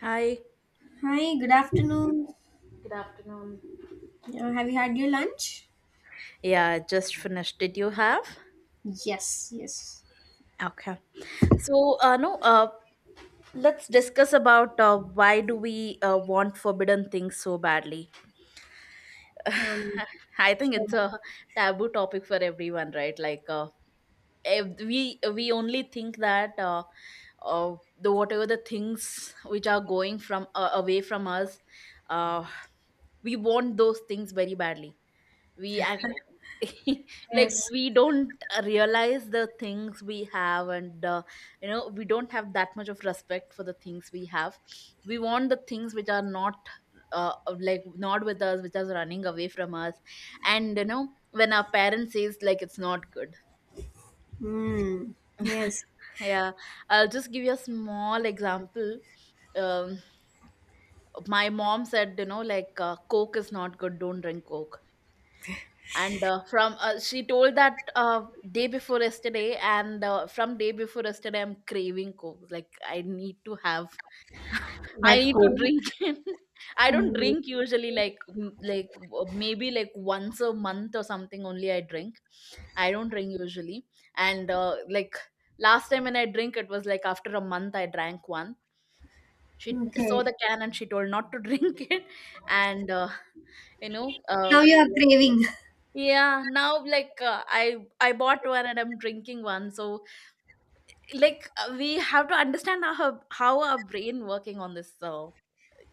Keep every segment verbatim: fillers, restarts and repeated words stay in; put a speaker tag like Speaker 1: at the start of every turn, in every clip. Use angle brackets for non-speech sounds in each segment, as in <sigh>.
Speaker 1: Hi.
Speaker 2: Hi, good afternoon.
Speaker 1: Good afternoon.
Speaker 2: Uh, have you had your lunch?
Speaker 1: Yeah, I just finished. Did you have?
Speaker 2: Yes, yes.
Speaker 1: Okay. So, uh, no, uh, let's discuss about uh, why do we uh, want forbidden things so badly.
Speaker 2: Um,
Speaker 1: I think it's
Speaker 2: sure.
Speaker 1: a taboo topic for everyone, right? Like, uh, if we we only think that uh, uh, the whatever the things which are going from, uh, away from us, uh, we want those things very badly. we ac- <laughs> like,
Speaker 2: Yes.
Speaker 1: we don't realize the things we have, and uh, you know we don't have that much of respect for the things we have. We want the things which are not, uh, like, not with us, which are running away from us. And you know, when our parents says, like, it's not good.
Speaker 2: Mm, yes.
Speaker 1: <laughs> Yeah, I'll just give you a small example. um my mom said, you know, like, uh, coke is not good, don't drink coke. And uh, from uh, she told that uh, day before yesterday, and uh, from day before yesterday, I'm craving coke. Like, I need to have, I need to drink <laughs> it. I don't drink usually, like, m- like, uh, maybe, like, once a month or something only I drink. I don't drink usually. And uh, like, last time when I drink, it was like after a month I drank one. She saw
Speaker 2: Okay.
Speaker 1: the can and she told not to drink <laughs> it. And, uh, you know uh,
Speaker 2: Now you are craving. <laughs>
Speaker 1: yeah, now, like, uh, I I bought one and I'm drinking one. So, like, uh, we have to understand how how our brain working on this. So,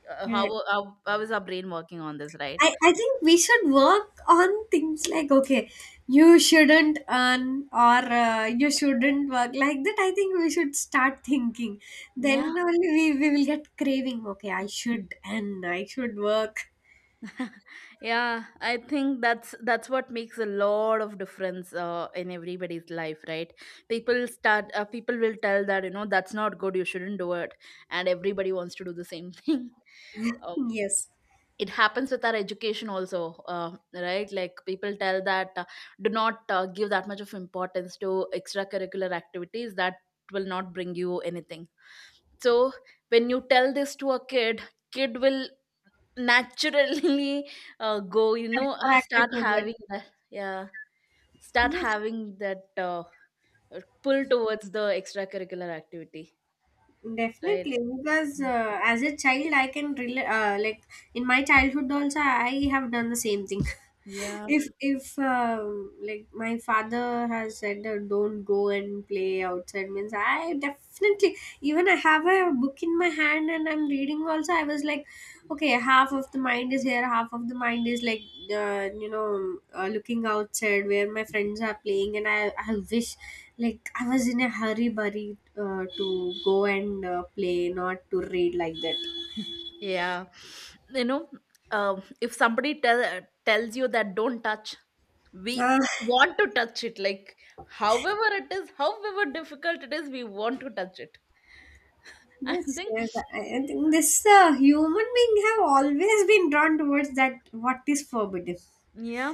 Speaker 1: uh,
Speaker 2: Uh,
Speaker 1: how, how how is our brain working on this, right?
Speaker 2: I, I think we should work on things like, okay, you shouldn't earn or uh, you shouldn't work like that. I think we should start thinking. Then
Speaker 1: Yeah.
Speaker 2: only we, we will get craving. Okay, I should and I should work.
Speaker 1: <laughs> Yeah, I think that's that's what makes a lot of difference uh, in everybody's life, right? People start uh, people will tell that, you know, that's not good, you shouldn't do it, and everybody wants to do the same <laughs> thing. Um,
Speaker 2: Yes.
Speaker 1: it happens with our education also, uh, right? Like, people tell that, uh, do not uh, give that much of importance to extracurricular activities, that will not bring you anything. So when you tell this to a kid, kid will naturally <laughs> uh, go, you know,
Speaker 2: Attracted
Speaker 1: start
Speaker 2: to that.
Speaker 1: having that, yeah, start
Speaker 2: Yes.
Speaker 1: having that uh, pull towards the extracurricular activity, right?
Speaker 2: Definitely, because uh, as a child, I can relate. Uh, like in my childhood, also, I have done the same thing. <laughs>
Speaker 1: yeah
Speaker 2: if if um, like my father has said, uh, "Don't go and play outside," means I definitely even I have a book in my hand and I'm reading. Also, I was like, okay, half of the mind is here, half of the mind is like, uh, you know uh, looking outside where my friends are playing, and i i wish like I was in a hurry buddy uh, to go and uh, play, not to read like that.
Speaker 1: Yeah, you know, um, if somebody tell, tells you that don't touch, we
Speaker 2: Ah,
Speaker 1: want to touch it. Like, however it is, however difficult it is, we want to touch it. <laughs> I
Speaker 2: yes,
Speaker 1: think,
Speaker 2: yes. I, I think this uh, human being have always been drawn towards that what is forbidden.
Speaker 1: yeah.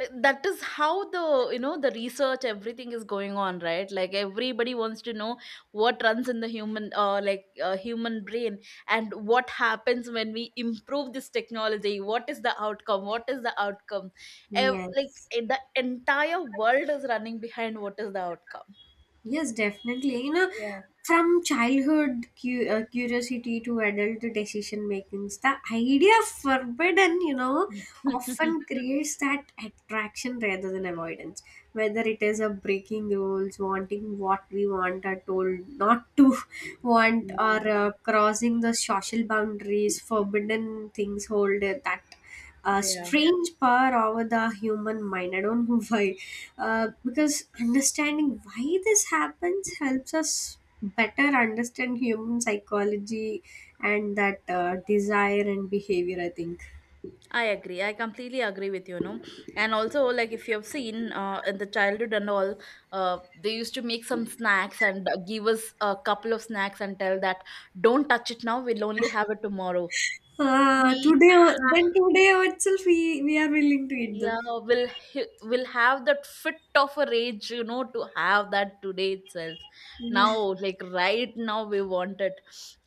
Speaker 1: Uh, that is how the, you know, the research everything is going on, right? Like, everybody wants to know what runs in the human, uh, like, uh, human brain, and what happens when we improve this technology. What is the outcome? What is the outcome? Ev- like,
Speaker 2: Yes.
Speaker 1: eh, the entire world is running behind what is the outcome.
Speaker 2: Yes, definitely. You know,
Speaker 1: Yeah.
Speaker 2: from childhood cu- uh, curiosity to adult decision making, the idea of forbidden, you know,
Speaker 1: <laughs>
Speaker 2: often creates that attraction rather than avoidance, whether it is a breaking rules, wanting what we want are told not to <laughs> want,
Speaker 1: Yeah,
Speaker 2: or uh, crossing the social boundaries. Forbidden things hold uh, that uh,
Speaker 1: yeah,
Speaker 2: strange power over the human mind. I don't know <laughs> why. Uh, because understanding why this happens helps us better understand human psychology and that uh, desire and behavior, I think.
Speaker 1: I agree. I completely agree with you, you know. And also, like, if you have seen, uh, in the childhood and all, uh, they used to make some snacks and uh, give us a couple of snacks and tell that, don't touch it now, we'll only have it tomorrow.
Speaker 2: Ah,
Speaker 1: We
Speaker 2: today, o- then
Speaker 1: ha-
Speaker 2: today itself we we are willing to eat
Speaker 1: yeah,
Speaker 2: them.
Speaker 1: will h- will have that fit of a rage, you know, to have that today itself. Now, like, right now, we want it.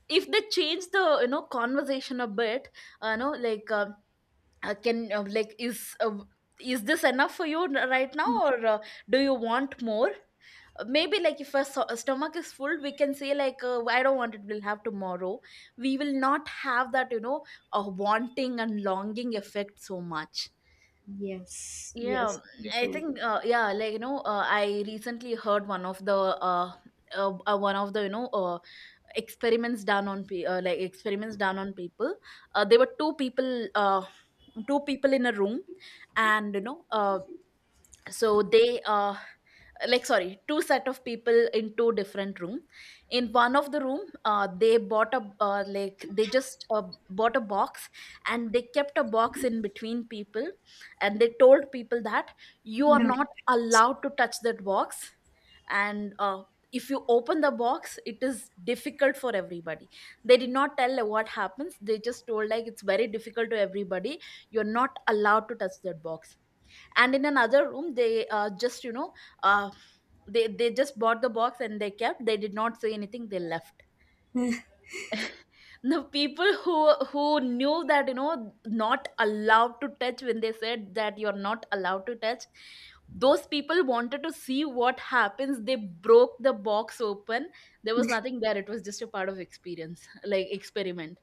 Speaker 1: If they change the, you know, conversation a bit, uh, you know, like, Uh, uh, can, uh, like, is uh, is this enough for you n- right now, or uh, do you want more? Uh, maybe like if our so- uh, stomach is full, we can say like, uh, I don't want it, we'll have tomorrow. We will not have that, you know, a wanting and longing effect so much.
Speaker 2: Yes, yes,
Speaker 1: Yeah, I think,
Speaker 2: definitely.
Speaker 1: uh, yeah, like, you know, uh, I recently heard one of the, uh, uh, uh, one of the, you know, uh, experiments done on pe- uh, like, experiments done on people. Uh, there were two people, uh, two people in a room, and, you know, uh, so they, uh, like, sorry, two set of people in two different room. In one of the room, uh, they bought a, uh, like, they just, uh, bought a box, and they kept a box in between people. And they told people that you are
Speaker 2: No.
Speaker 1: not allowed to touch that box. And, uh, if you open the box, it is difficult for everybody. They did not tell like what happens, they just told like, it's very difficult to everybody, you're not allowed to touch that box. And in another room, they, uh, just, you know, uh, they they just bought the box, and they kept, they did not say anything, they left. The people who who knew that, you know, not allowed to touch, when they said that you're not allowed to touch, those people wanted to see what happens, they broke the box open. There was nothing there, it was just a part of experience, like, experiment.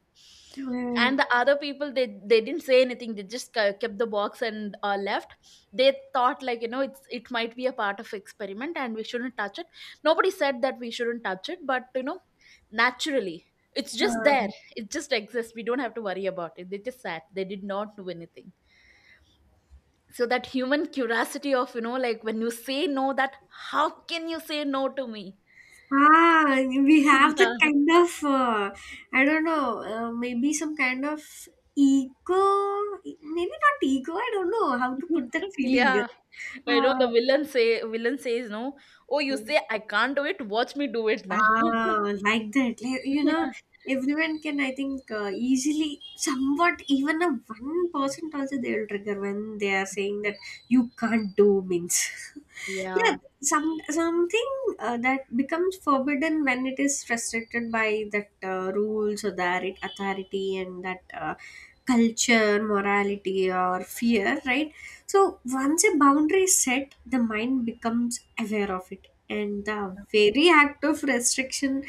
Speaker 2: Uh,
Speaker 1: And the other people, they they didn't say anything, they just ke- kept the box and uh, left. They thought, like, you know, it's, it might be a part of experiment and we shouldn't touch it. Nobody said that we shouldn't touch it, but, you know, naturally, it's just there,
Speaker 2: uh,
Speaker 1: it just exists. We don't have to worry about it. They just sat, they did not do anything. So that human curiosity of, you know, like, when you say no, that how can you say no to me?
Speaker 2: ah, we
Speaker 1: <laughs>
Speaker 2: have that
Speaker 1: Yeah.
Speaker 2: kind of uh, I don't know, uh, maybe some kind of ego, maybe not ego. I don't know how to put that
Speaker 1: <laughs>
Speaker 2: feeling.
Speaker 1: Yeah, I know the villain say villain says no. Oh, you
Speaker 2: Uh,
Speaker 1: say I can't do it, watch me do it now.
Speaker 2: Ah, like that. Like, you know,
Speaker 1: <laughs>
Speaker 2: everyone can, I think, uh, easily, somewhat, even a one percent also they will trigger when they are saying that you can't do means. <laughs>
Speaker 1: Yeah,
Speaker 2: Yeah, some something uh, that becomes forbidden when it is restricted by that uh, rules or that authority and that uh, culture, morality, or fear, right? So once a boundary is set, the mind becomes aware of it, and the very act of restriction,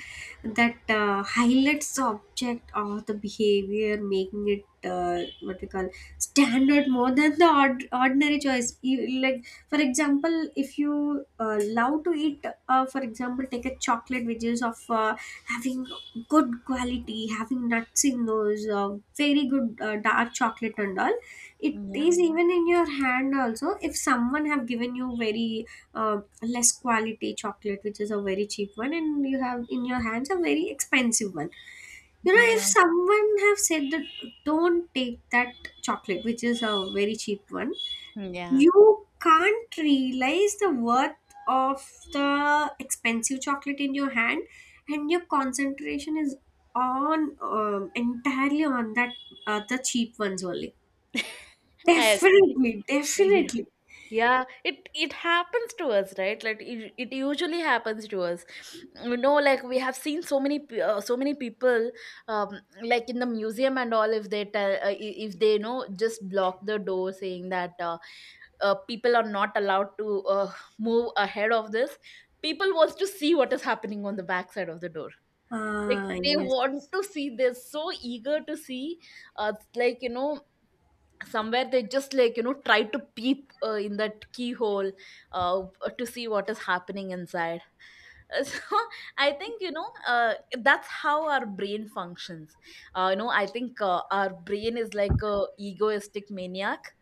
Speaker 2: that uh, highlights the object or the behavior, making it, uh, what we call standard more than the ord- ordinary choice. You, like, for example, if you uh, love to eat, uh, for example take a chocolate which is of uh, having good quality, having nuts in those, uh, very good, uh, dark chocolate and all. It
Speaker 1: yeah,
Speaker 2: is even in your hand also. If someone have given you very uh, less quality chocolate which is a very cheap one, and you have in your hands a very expensive one, you know if
Speaker 1: yeah,
Speaker 2: someone have said that don't take that chocolate which is a very cheap one,
Speaker 1: yeah,
Speaker 2: you can't realize the worth of the expensive chocolate in your hand, and your concentration is on, um, entirely on that, uh, the cheap ones only.
Speaker 1: I agree.
Speaker 2: Definitely,
Speaker 1: <laughs>
Speaker 2: definitely.
Speaker 1: Yeah, it it happens to us, right? Like, it, it usually happens to us. You know, like, we have seen so many pe- uh, so many people, um, like, in the museum and all. If they tell, uh, i- if they, you know, just block the door, saying that, uh, uh, people are not allowed to, uh, move ahead of this, people wants to see what is happening on the backside of the door. Like,
Speaker 2: Ah,
Speaker 1: they
Speaker 2: yes.
Speaker 1: want to see, they're so eager to see. Uh, like, you know, somewhere they just, like, you know, try to peep, uh, in that keyhole, uh, to see what is happening inside. <laughs> So I think, you know, uh, that's how our brain functions. Uh, you know, I think, uh, our brain is like a egoistic maniac.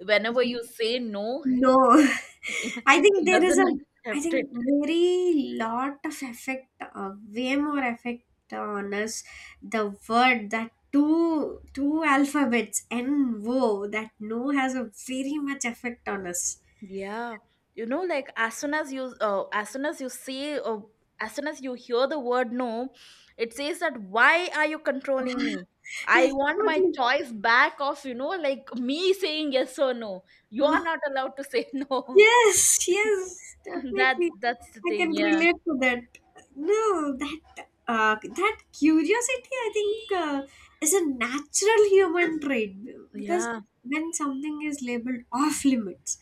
Speaker 1: Whenever you say no,
Speaker 2: No, <laughs>
Speaker 1: <laughs> it
Speaker 2: I think there is a,
Speaker 1: doesn't
Speaker 2: I
Speaker 1: accept it.
Speaker 2: think very lot of effect, uh, way more effect on us. The word, that two two alphabets N O, that no, has a very much effect on us.
Speaker 1: Yeah, you know, like, as soon as you, uh, as soon as you say uh, as soon as you hear the word no, it says that, why are you controlling me? I want my
Speaker 2: <laughs>
Speaker 1: choice back of, you know, like, me saying yes or no. You are
Speaker 2: Exactly.
Speaker 1: not allowed to say <laughs> no.
Speaker 2: Yes, yes,
Speaker 1: that
Speaker 2: definitely.
Speaker 1: that's the
Speaker 2: I
Speaker 1: thing.
Speaker 2: can
Speaker 1: Yeah,
Speaker 2: relate to that. No, that uh, that curiosity, I think, uh, is a natural human trait, because
Speaker 1: yeah,
Speaker 2: when something is labeled off limits,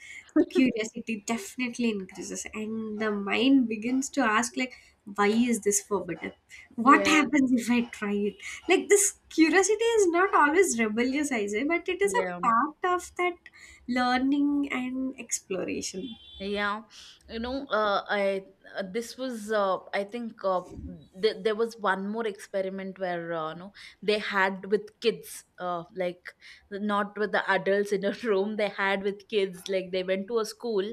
Speaker 2: curiosity definitely increases, and the mind begins to ask, like, why is this forbidden? What
Speaker 1: yeah,
Speaker 2: happens if I try it? Like, this curiosity is not always rebellious, I say, but it is a
Speaker 1: yeah.
Speaker 2: part of that learning and exploration.
Speaker 1: Yeah, you know, uh, I, uh, this was uh, I think, uh, th- there was one more experiment where, uh, no, they had with kids, uh, like, not with the adults in a <laughs> room. They had with kids, like, they went to a school,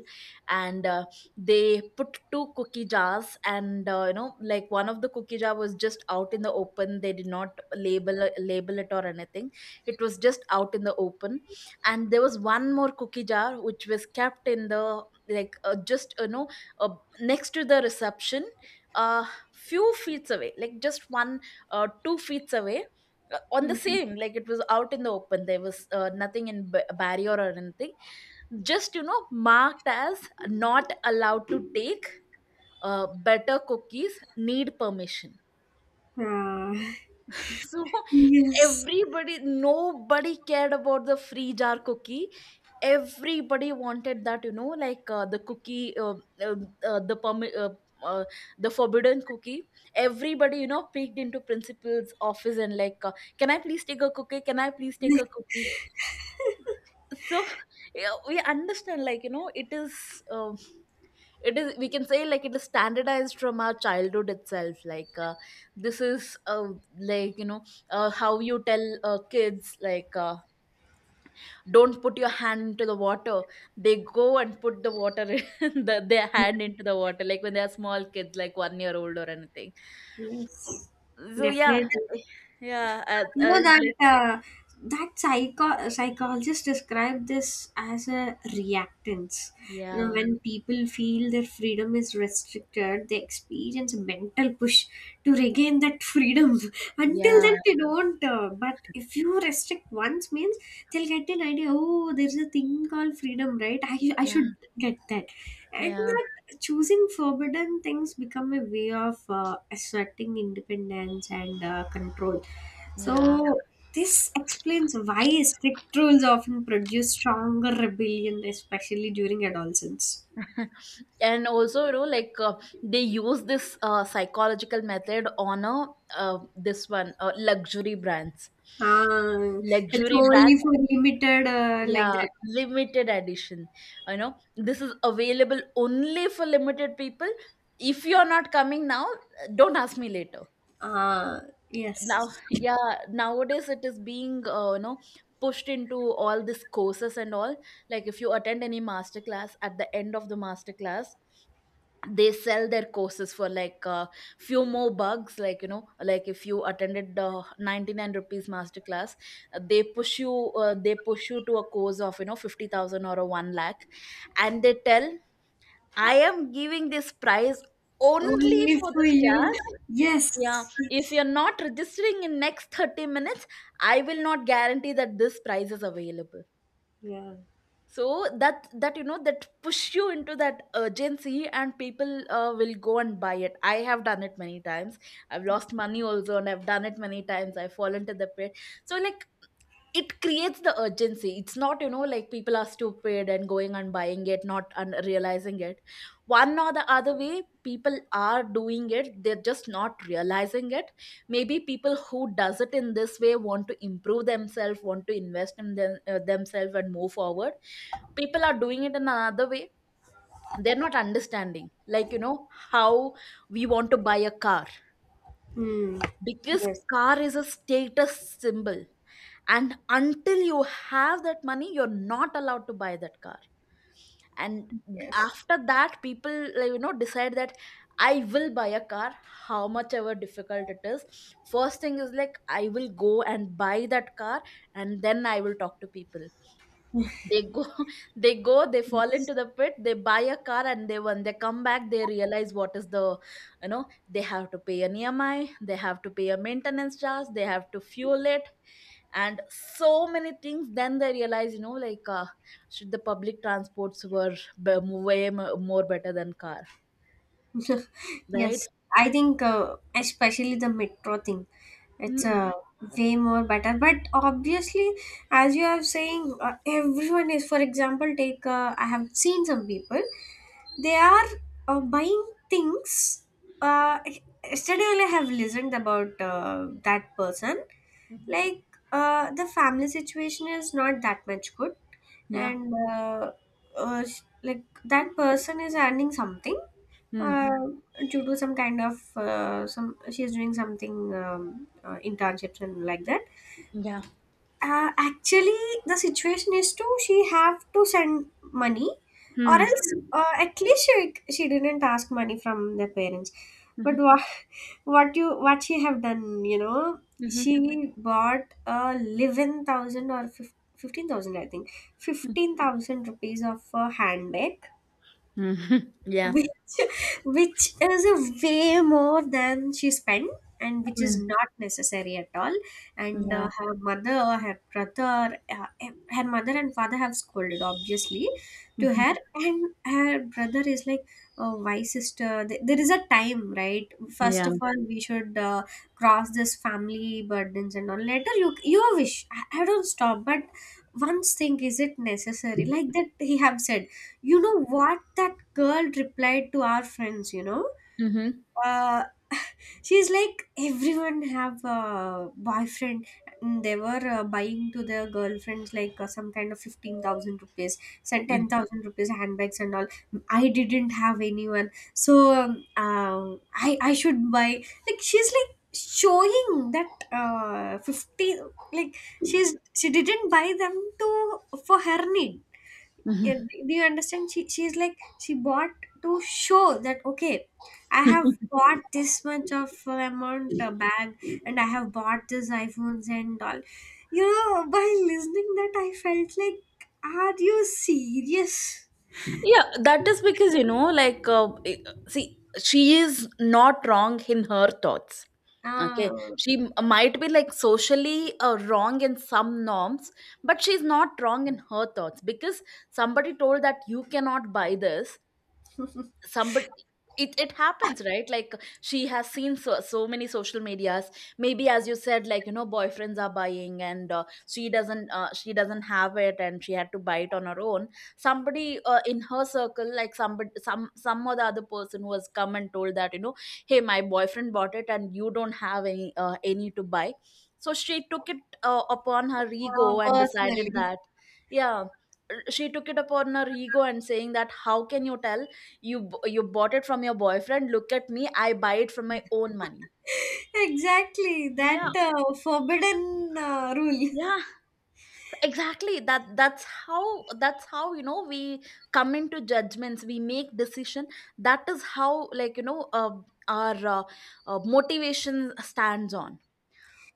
Speaker 1: and uh, they put two cookie jars. And, uh, you know, like, one of the cookie jar was just out in the open. They did not label, uh, label it or anything. It was just out in the open, and there was one more cookie jar which was kept in the, like, uh, just, you know, uh, next to the reception, uh few feet away, like, just one, uh, two feet away, uh, on the same, like, it was out in the open, there was, uh, nothing in ba- barrier or anything, just, you know, marked as not allowed to take, uh, better cookies need permission.
Speaker 2: Uh,
Speaker 1: <laughs> So,
Speaker 2: yes.
Speaker 1: everybody, nobody cared about the free jar cookie. Everybody wanted that, you know, like, uh, the cookie, uh, uh, uh, the permi- uh, uh, the forbidden cookie. Everybody, you know, peeked into principal's office and, like, uh, can I please take a cookie, can I please take a
Speaker 2: <laughs>
Speaker 1: cookie? <laughs> So yeah, we understand, like, you know, it is, Uh, it is, we can say, like, it is standardized from our childhood itself. Like, uh, this is, uh, like, you know, uh, how you tell uh, kids, like, uh, don't put your hand into the water, they go and put the water <laughs> in the, their hand into the water, like, when they are small kids, like, one year old or anything.
Speaker 2: Yes.
Speaker 1: So yeah,
Speaker 2: Definitely.
Speaker 1: yeah. Uh,
Speaker 2: You
Speaker 1: uh,
Speaker 2: know that
Speaker 1: like,
Speaker 2: uh, that psycho- psychologist described this as a reactance. You know,
Speaker 1: yeah,
Speaker 2: when people feel their freedom is restricted, they experience a mental push to regain that freedom. <laughs> Until
Speaker 1: yeah,
Speaker 2: then, they don't. Uh, but if you restrict once, means they'll get an idea. Oh, there's a thing called freedom, right? I I
Speaker 1: yeah,
Speaker 2: should get that, and
Speaker 1: yeah,
Speaker 2: that choosing forbidden things become a way of uh, asserting independence and uh, control.
Speaker 1: yeah.
Speaker 2: So this explains why strict rules often produce stronger rebellion, especially during adolescence.
Speaker 1: <laughs> And also, you know, like, uh, they use this, uh, psychological method on a, uh, this one, uh, luxury brands,
Speaker 2: Ah, it's
Speaker 1: luxury
Speaker 2: only
Speaker 1: brand.
Speaker 2: for limited, uh, like
Speaker 1: Yeah,
Speaker 2: that.
Speaker 1: limited edition. You know, this is available only for limited people. If you're not coming now, don't ask me later.
Speaker 2: Ah,
Speaker 1: Now,
Speaker 2: yes,
Speaker 1: <laughs> yeah, nowadays it is being, uh, you know, pushed into all these courses and all. Like, if you attend any master class at the end of the master class, they sell their courses for like a few more bucks. Like, you know, like if you attended the ninety-nine rupees master class, uh, they push you uh, they push you to a course of, you know, fifty thousand or a one lakh. And they tell, I am giving this price only
Speaker 2: only
Speaker 1: for
Speaker 2: for
Speaker 1: this
Speaker 2: you.
Speaker 1: class. Yeah,
Speaker 2: Yes,
Speaker 1: if
Speaker 2: yes.
Speaker 1: you're not registering in next thirty minutes, I will not guarantee that this price is available.
Speaker 2: Yeah.
Speaker 1: So that that, you know, that push you into that urgency, and people uh, will go and buy it. I have done it many times. I've lost money also, and I've done it many times. I've fallen to the pit. So like, it creates the urgency. It's not, you know, like people are stupid and going and buying it not and realizing it. One or the other way, people are doing it, they're just not realizing it. Maybe people who does it in this way want to improve themselves, want to invest in them, uh, themselves, and move forward. People are doing it in another way. They're not understanding, like, you know, how we want to buy a car,
Speaker 2: Hmm.
Speaker 1: because
Speaker 2: Yes.
Speaker 1: car is a status symbol. And until you have that money, you're not allowed to buy that car. And
Speaker 2: Yes.
Speaker 1: after that, people, like, you know, decide that I will buy a car. How much ever difficult it is, first thing is like, I will go and buy that car, and then I will talk to people. They go, <laughs> they go, they fall into the pit, they buy a car, and they when they come back, they realize what is the, you know, they have to pay an E M I, they have to pay a maintenance charge, they have to fuel it, and so many things. Then they realize, you know, like, uh, should the public transports were be- way mo- more better than car,
Speaker 2: <laughs>
Speaker 1: right?
Speaker 2: Yes, I think uh, especially the metro thing, it's
Speaker 1: Mm.
Speaker 2: uh, way more better. But obviously, as you are saying, uh, everyone is, for example, take uh, I have seen some people, they are uh, buying things. Uh, Yesterday, only I have listened about uh, that person.
Speaker 1: Hmm.
Speaker 2: Like, uh, the family situation is not that much good,
Speaker 1: Yeah.
Speaker 2: and uh, uh, sh- like that person is earning something, uh,
Speaker 1: Hmm.
Speaker 2: due to do some kind of, uh, some she's doing something, um, uh, internships and like that.
Speaker 1: Yeah.
Speaker 2: Uh, actually the situation is to she have to send money, or
Speaker 1: Hmm.
Speaker 2: else uh, at least she, she didn't ask money from the parents. But
Speaker 1: Mhm.
Speaker 2: what <laughs> what you what she have done, you know,
Speaker 1: Mhm.
Speaker 2: she bought a eleven thousand or fifteen thousand, I think fifteen thousand rupees of a handbag,
Speaker 1: Mhm. <laughs> Yeah.
Speaker 2: which which is a way more than she spent, and which is
Speaker 1: Mm.
Speaker 2: not necessary at all. And
Speaker 1: Yeah.
Speaker 2: uh, her mother, her brother, uh, her mother and father have scolded obviously to
Speaker 1: Mhm.
Speaker 2: her, and her brother is like, oh, why sister? Th- there is a time, right? First
Speaker 1: Yeah.
Speaker 2: of all, we should uh, cross this family burdens and all. Later, you your wish. I, I don't stop, but one thing is it necessary, like that he have said. You know what that girl replied to our friends, you know?
Speaker 1: Mm-hmm.
Speaker 2: Uh, she's like, everyone have a boyfriend. And they were uh, buying to their girlfriends like uh, some kind of fifteen thousand rupees, some ten thousand rupees handbags and all. I didn't have anyone. So um, uh, I, I should buy. Like, she's like, showing that uh fifty, like she's she didn't buy them to, for her need. Yeah, d- do you understand, she she's like she bought to show that, okay, I have bought this much of uh, amount uh, bag, and I have bought this iPhones and all. You know by listening that, I felt like, are you serious?
Speaker 1: Yeah, that is because, you know, like, uh, i- see, she is not wrong in her thoughts. Okay.
Speaker 2: uh,
Speaker 1: She m- might be like socially uh, wrong in some norms, but she's not wrong in her thoughts, because somebody told that you cannot buy this. Somebody, it, it happens, right? Like, she has seen so, so many social medias. Maybe, as you said, like, you know, boyfriends are buying, and uh, she doesn't, uh, she doesn't have it, and she had to buy it on her own. Somebody uh, in her circle, like, somebody, some some other other person, who has come and told that, you know, hey, my boyfriend bought it and you don't have any, uh, any to buy. So she took it uh, upon her
Speaker 2: uh,
Speaker 1: ego and decided
Speaker 2: Personally.
Speaker 1: that. Yeah, she took it upon her ego and saying that, how can you tell? You b- you bought it from your boyfriend. Look at me, I buy it from my own money.
Speaker 2: <laughs> Exactly, that
Speaker 1: Yeah.
Speaker 2: uh, forbidden uh, rule.
Speaker 1: Yeah, exactly. That that's how, that's how you know, we come into judgments, we make decision. That is how, like, you know, uh, our uh, uh, motivation stands on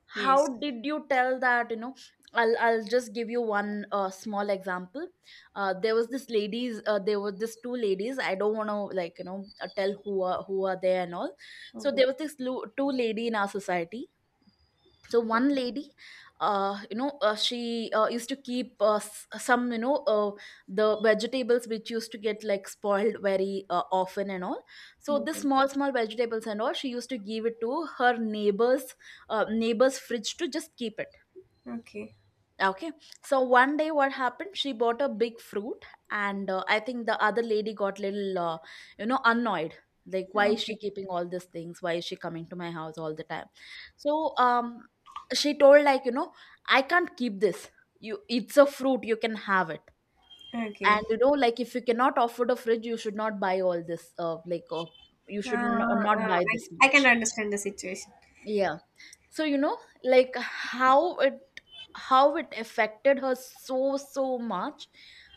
Speaker 2: <laughs>
Speaker 1: how
Speaker 2: Yes.
Speaker 1: did you tell that, you know. i'll i'll just give you one uh, small example. Uh, there was this ladies uh, there were this two ladies, I don't want to, like, you know, uh, tell who are, who are there and all. So
Speaker 2: Okay,
Speaker 1: there was this lu- two lady in our society. So one lady, uh, you know, uh, she uh, used to keep, uh, s- some, you know, uh, the vegetables which used to get like spoiled very uh, often and all. So the
Speaker 2: okay,
Speaker 1: small small vegetables and all, she used to give it to her neighbors, uh, neighbors fridge, to just keep it.
Speaker 2: okay, okay,
Speaker 1: Okay. So one day, what happened? She bought a big fruit, and uh, I think the other lady got little, uh, you know, annoyed. Like, why is
Speaker 2: okay,
Speaker 1: she keeping all these things? Why is she coming to my house all the time? So, um, she told, like, you know, I can't keep this. You, it's a fruit. You can have it. And
Speaker 2: okay.
Speaker 1: you know, like, if you cannot afford a fridge, you should not buy all this. Uh, like, uh, you
Speaker 2: Uh,
Speaker 1: should
Speaker 2: uh,
Speaker 1: n- not buy
Speaker 2: I,
Speaker 1: this
Speaker 2: I can
Speaker 1: much.
Speaker 2: understand the situation.
Speaker 1: Yeah, so you know, like, how it, how it affected her so, so much.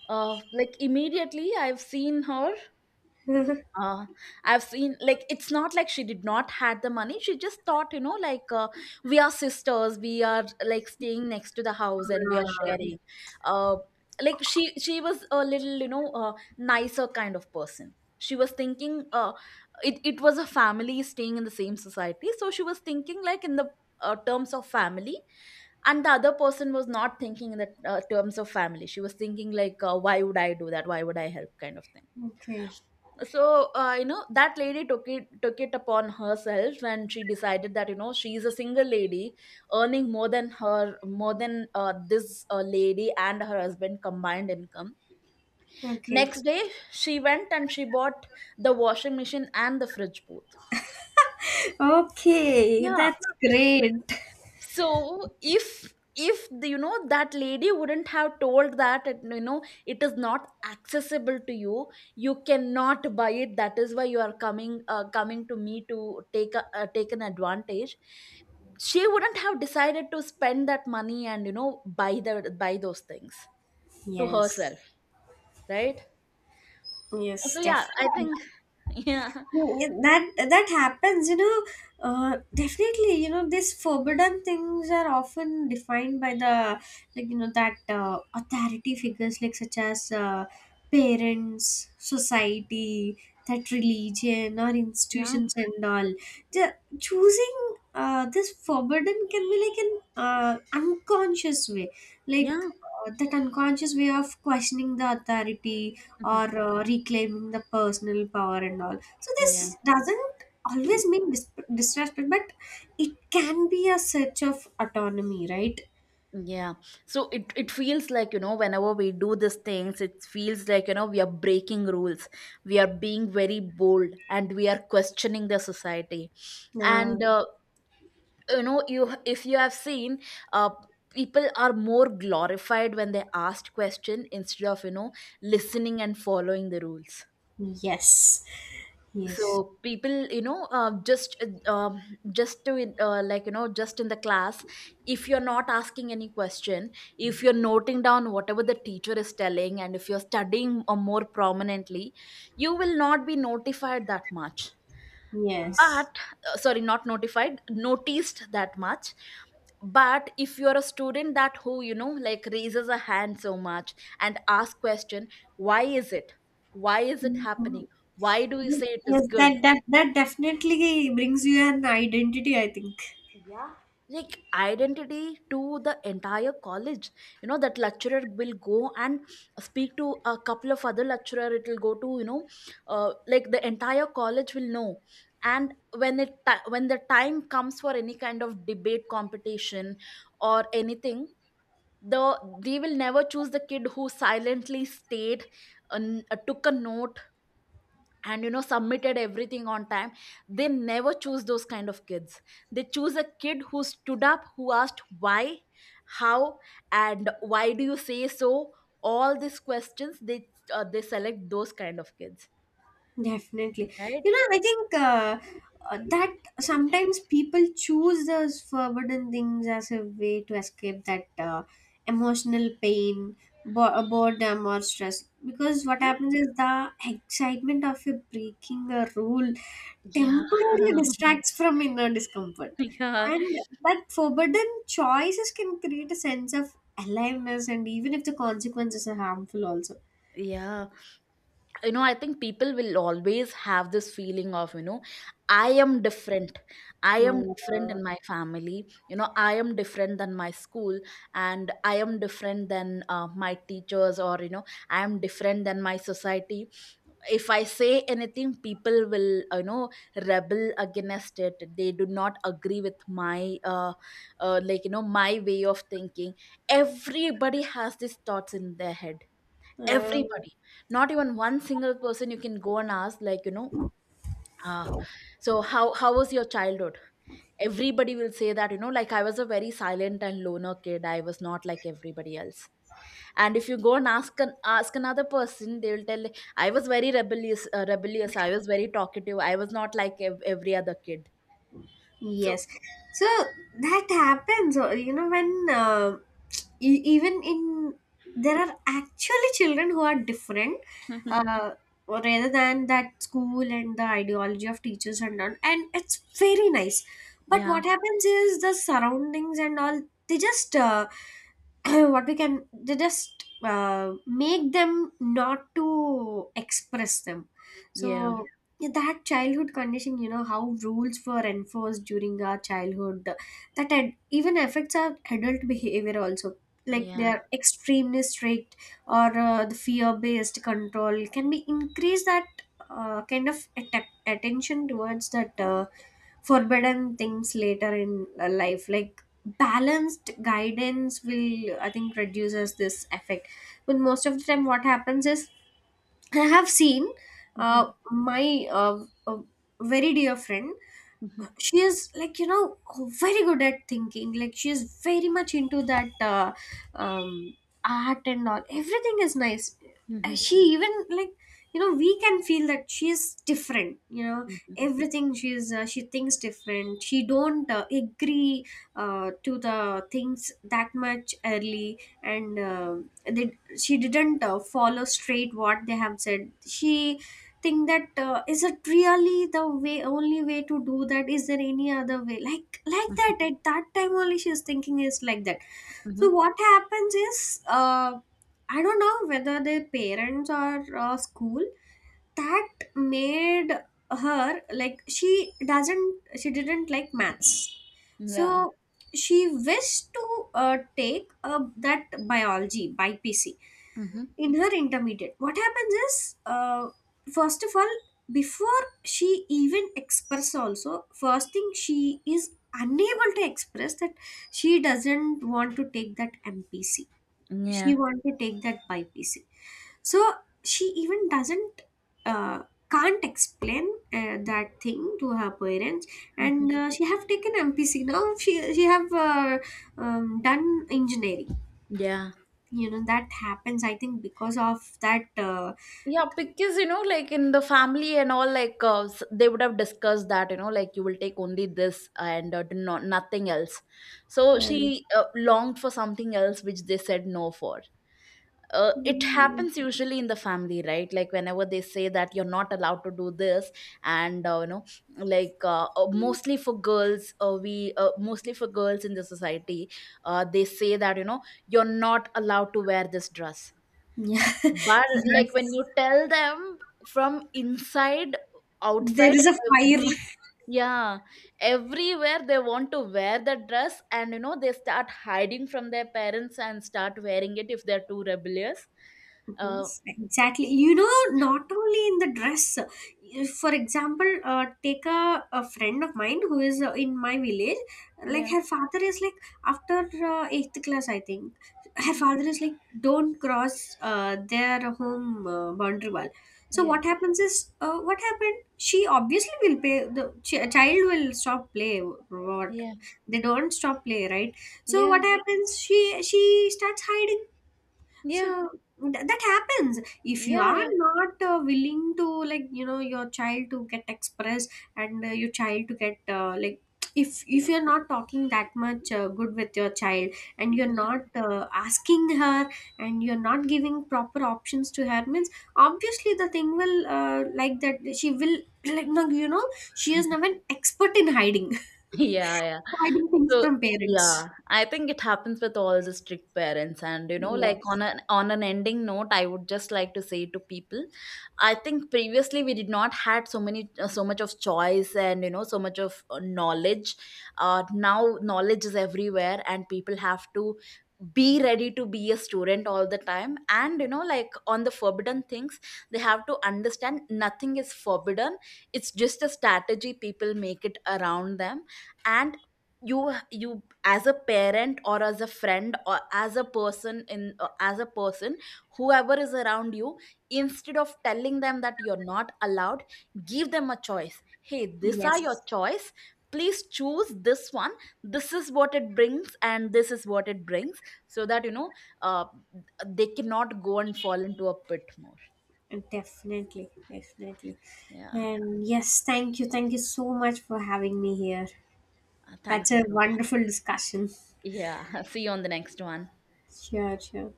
Speaker 1: uh Like, immediately, I've seen her,
Speaker 2: <laughs>
Speaker 1: uh, I've seen, like, it's not like she did not had the money. She just thought, you know, like, uh, we are sisters. We are like staying next to the house and we
Speaker 2: uh,
Speaker 1: are sharing. Uh, like, she she was a little, you know, uh, nicer kind of person. She was thinking, uh, it it was a family staying in the same society, so she was thinking like in the uh, terms of family, and the other person was not thinking in the uh, terms of family. She was thinking, like, uh, why would I do that? Why would I help? Kind of thing.
Speaker 2: okay,
Speaker 1: So uh, you know, that lady took it took it upon herself when she decided that, you know, she is a single lady earning more than her, more than uh, this uh, lady and her husband combined income.
Speaker 2: okay,
Speaker 1: Next day, she went and she bought the washing machine and the fridge both.
Speaker 2: okay. That's great.
Speaker 1: So if if the, you know, that lady wouldn't have told that, it, you know, it is not accessible to you, you cannot buy it, that is why you are coming, uh, coming to me to take a, uh, take an advantage, she wouldn't have decided to spend that money and, you know, buy the, buy those things to
Speaker 2: Yes,
Speaker 1: herself, right? So
Speaker 2: yes,
Speaker 1: yeah, I
Speaker 2: definitely.
Speaker 1: think <laughs> yeah.
Speaker 2: Yeah, that that happens, you know, uh, definitely. You know these forbidden things are often defined by the, like, you know that uh, authority figures, like such as uh, parents, society, that religion or
Speaker 1: Yeah.
Speaker 2: institutions and all. The choosing uh, this forbidden can be like an uh, unconscious way, like,
Speaker 1: Yeah.
Speaker 2: uh, that unconscious way of questioning the authority or uh, reclaiming the personal power and all. So this
Speaker 1: <laughs> Yeah.
Speaker 2: doesn't always mean dis- disrespect, but it can be a search of autonomy, right?
Speaker 1: Yeah. So it, it feels like, you know, whenever we do these things, it feels like, you know, we are breaking rules. We are being very bold and we are questioning the society.
Speaker 2: Uh,
Speaker 1: And, uh, you know, you, if you have seen, uh, people are more glorified when they asked question, instead of, you know, listening and following the rules.
Speaker 2: yes, yes,
Speaker 1: So people, you know, uh, just uh, um, just to, uh, like, you know, just in the class, if you're not asking any question, if you're noting down whatever the teacher is telling, and if you're studying uh, more prominently, you will not be notified that much.
Speaker 2: yes.
Speaker 1: But, uh, sorry, not notified, noticed that much. But if you're a student that who, you know, like raises a hand so much and ask question, why is it, why is it happening,
Speaker 2: Mhm.
Speaker 1: why do you say it is
Speaker 2: Yes,
Speaker 1: good?
Speaker 2: that, that that definitely brings you an identity, I think.
Speaker 1: Yeah, like identity to the entire college. You know, that lecturer will go and speak to a couple of other lecturer, it will go to, you know, uh, like the entire college will know. And when it ti- when the time comes for any kind of debate competition or anything, the they will never choose the kid who silently stayed and uh, took a note and, you know, submitted everything on time. They never choose those kind of kids. They choose a kid who stood up, who asked why, how, and why do you say so, all these questions. They, uh, they select those kind of kids,
Speaker 2: Definitely.
Speaker 1: right?
Speaker 2: You know, I think uh, uh, that sometimes people choose those forbidden things as a way to escape that uh, emotional pain, bo- uh, boredom, or stress. Because what
Speaker 1: Yeah.
Speaker 2: happens is the excitement of you breaking a rule
Speaker 1: Yeah.
Speaker 2: temporarily
Speaker 1: <laughs>
Speaker 2: distracts from inner discomfort.
Speaker 1: Yeah.
Speaker 2: And that forbidden choices can create a sense of aliveness, and even if the consequences are harmful, also.
Speaker 1: Yeah, you know, I think people will always have this feeling of, you know, I am different. I am different
Speaker 2: Uh,
Speaker 1: in my family. You know, I am different than my school, and I am different than uh, my teachers, or, you know, I am different than my society. If I say anything, people will, uh, you know, rebel against it. They do not agree with my, uh, uh like, you know, my way of thinking. Everybody has these thoughts in their head.
Speaker 2: uh,
Speaker 1: Everybody. Not even one single person, you can go and ask, like, you know, ah, so how how was your childhood? Everybody will say that, you know, like, I was a very silent and loner kid, I was not like everybody else. And if you go and ask an, ask another person, they will tell, I was very rebellious, uh, rebellious I was very talkative, I was not like ev- every other kid. So
Speaker 2: Yes. So that happens, uh, you know, when uh, e- even in, there are actually children who are different,
Speaker 1: <laughs>
Speaker 2: uh, rather than that school and the ideology of teachers and all, and it's very nice. But
Speaker 1: yeah.
Speaker 2: what happens is the surroundings and all, they just uh, <clears throat> what we can, they just uh, make them not to express them.
Speaker 1: Yeah.
Speaker 2: So yeah, that childhood conditioning, you know, how rules were enforced during our childhood, that ad- even affects our adult behavior also. Like they
Speaker 1: Yeah.
Speaker 2: are extremely strict, or uh, the fear based control. Can be increase that uh, kind of atta- attention towards that uh, forbidden things later in uh, life? Like balanced guidance will, I think, reduces this effect. But most of the time, what happens is I have seen
Speaker 1: Mhm,
Speaker 2: uh, my uh, uh, very dear friend.
Speaker 1: mhm,
Speaker 2: She is like, you know very good at thinking, like she is very much into that uh, um, art and all, everything is nice. Uh,
Speaker 1: mhm,
Speaker 2: she even like, you know we can feel that she is different, you know
Speaker 1: mhm,
Speaker 2: everything. She is uh, she thinks different, she don't uh, agree uh, to the things that much early, and uh, they, she didn't uh, follow straight what they have said. She think that, uh, is it really the way only way to do that? Is there any other way, like like
Speaker 1: mhm,
Speaker 2: that, at that time only, she's thinking is like that. So
Speaker 1: mhm.
Speaker 2: what happens is, uh, I don't know whether their parents or uh, school that made her like, she doesn't she didn't like maths.
Speaker 1: Yeah.
Speaker 2: So she wished to uh, take uh, that biology B P C
Speaker 1: Mhm.
Speaker 2: in her intermediate. What happens is, uh, first of all, before she even express also, first thing she is unable to express that she doesn't want to take that M P C,
Speaker 1: Yeah.
Speaker 2: she want to take that B Y P C. So she even doesn't uh, can't explain uh, that thing to her parents.
Speaker 1: Mhm.
Speaker 2: And uh, she have taken M P C, now she she have uh, um, done engineering.
Speaker 1: Yeah.
Speaker 2: You know that happens, I think, because of that uh,
Speaker 1: Yeah, because you know, like in the family and all, like, uh, s- they would have discussed that, you know, like, you will take only this, and, uh, do not nothing else. So
Speaker 2: Yeah.
Speaker 1: she, uh, longed for something else, which they said no for. Uh, it
Speaker 2: Mm.
Speaker 1: happens usually in the family, right? Like whenever they say that you're not allowed to do this, and, uh, you know, like, uh, uh, mostly for girls, uh, we uh, mostly for girls in the society, uh, they say that, you know, you're not allowed to wear this dress.
Speaker 2: Yeah.
Speaker 1: But
Speaker 2: <laughs>
Speaker 1: like when
Speaker 2: Yes.
Speaker 1: you tell them, from inside,
Speaker 2: There
Speaker 1: outside,
Speaker 2: is a fire.
Speaker 1: every, yeah, everywhere they want to wear the dress, and, you know, they start hiding from their parents and start wearing it, if they're too rebellious.
Speaker 2: Mhm.
Speaker 1: Uh,
Speaker 2: Exactly. You know,
Speaker 1: yeah,
Speaker 2: not only in the dress. If, for example, uh, take a, a friend of mine who is uh, in my village. Like
Speaker 1: yeah,
Speaker 2: her father is like, after uh, eighth class, I think. Her
Speaker 1: mhm,
Speaker 2: father is like, don't cross uh, their home uh, boundary wall. So
Speaker 1: yeah,
Speaker 2: what happens is, uh, what happened? She obviously will pay. The ch- child will stop play. What,
Speaker 1: yeah,
Speaker 2: they don't stop play, right? So
Speaker 1: yeah,
Speaker 2: what happens? She she starts hiding. So
Speaker 1: yeah,
Speaker 2: th- that happens if you
Speaker 1: yeah,
Speaker 2: are
Speaker 1: yeah.
Speaker 2: not uh, willing to, like, you know your child to get expressed, and uh, your child to get uh, like, <tsk> if if you're not talking that much uh, good with your child, and you're not uh, asking her, and you're not giving proper options to her means, obviously the thing will uh, like that, she will <clears throat> like, no, you know she
Speaker 1: Yeah.
Speaker 2: is now an expert in hiding.
Speaker 1: Yeah, yeah.
Speaker 2: <laughs> Hiding things
Speaker 1: So
Speaker 2: from parents.
Speaker 1: yeah, I think it happens with all the strict parents. And, you know, like,
Speaker 2: Yes,
Speaker 1: on an, on an ending note, I would just like to say to people, I think previously we did not had so many, uh, so much of choice, and, you know, so much of uh, knowledge. Uh, now knowledge is everywhere, and people have to be ready to be a student all the time. And, you know, like, on the forbidden things, they have to understand nothing is forbidden. It's just a strategy people make it around them. And you you as a parent, or as a friend, or as a person in, uh, as a person, whoever is around you, instead of telling them that you're not allowed, give them a choice. Hey, these are your
Speaker 2: yes.
Speaker 1: choice, please choose this one. This is what it brings, and this is what it brings, so that, you know, uh, they cannot go and fall into a pit more.
Speaker 2: Definitely, definitely.
Speaker 1: Yeah.
Speaker 2: And yes, thank you. Thank you so much for having me here.
Speaker 1: Uh,
Speaker 2: That's
Speaker 1: thank you
Speaker 2: a
Speaker 1: so much.
Speaker 2: wonderful discussion.
Speaker 1: Yeah. <laughs> See you on the next one.
Speaker 2: Sure, sure.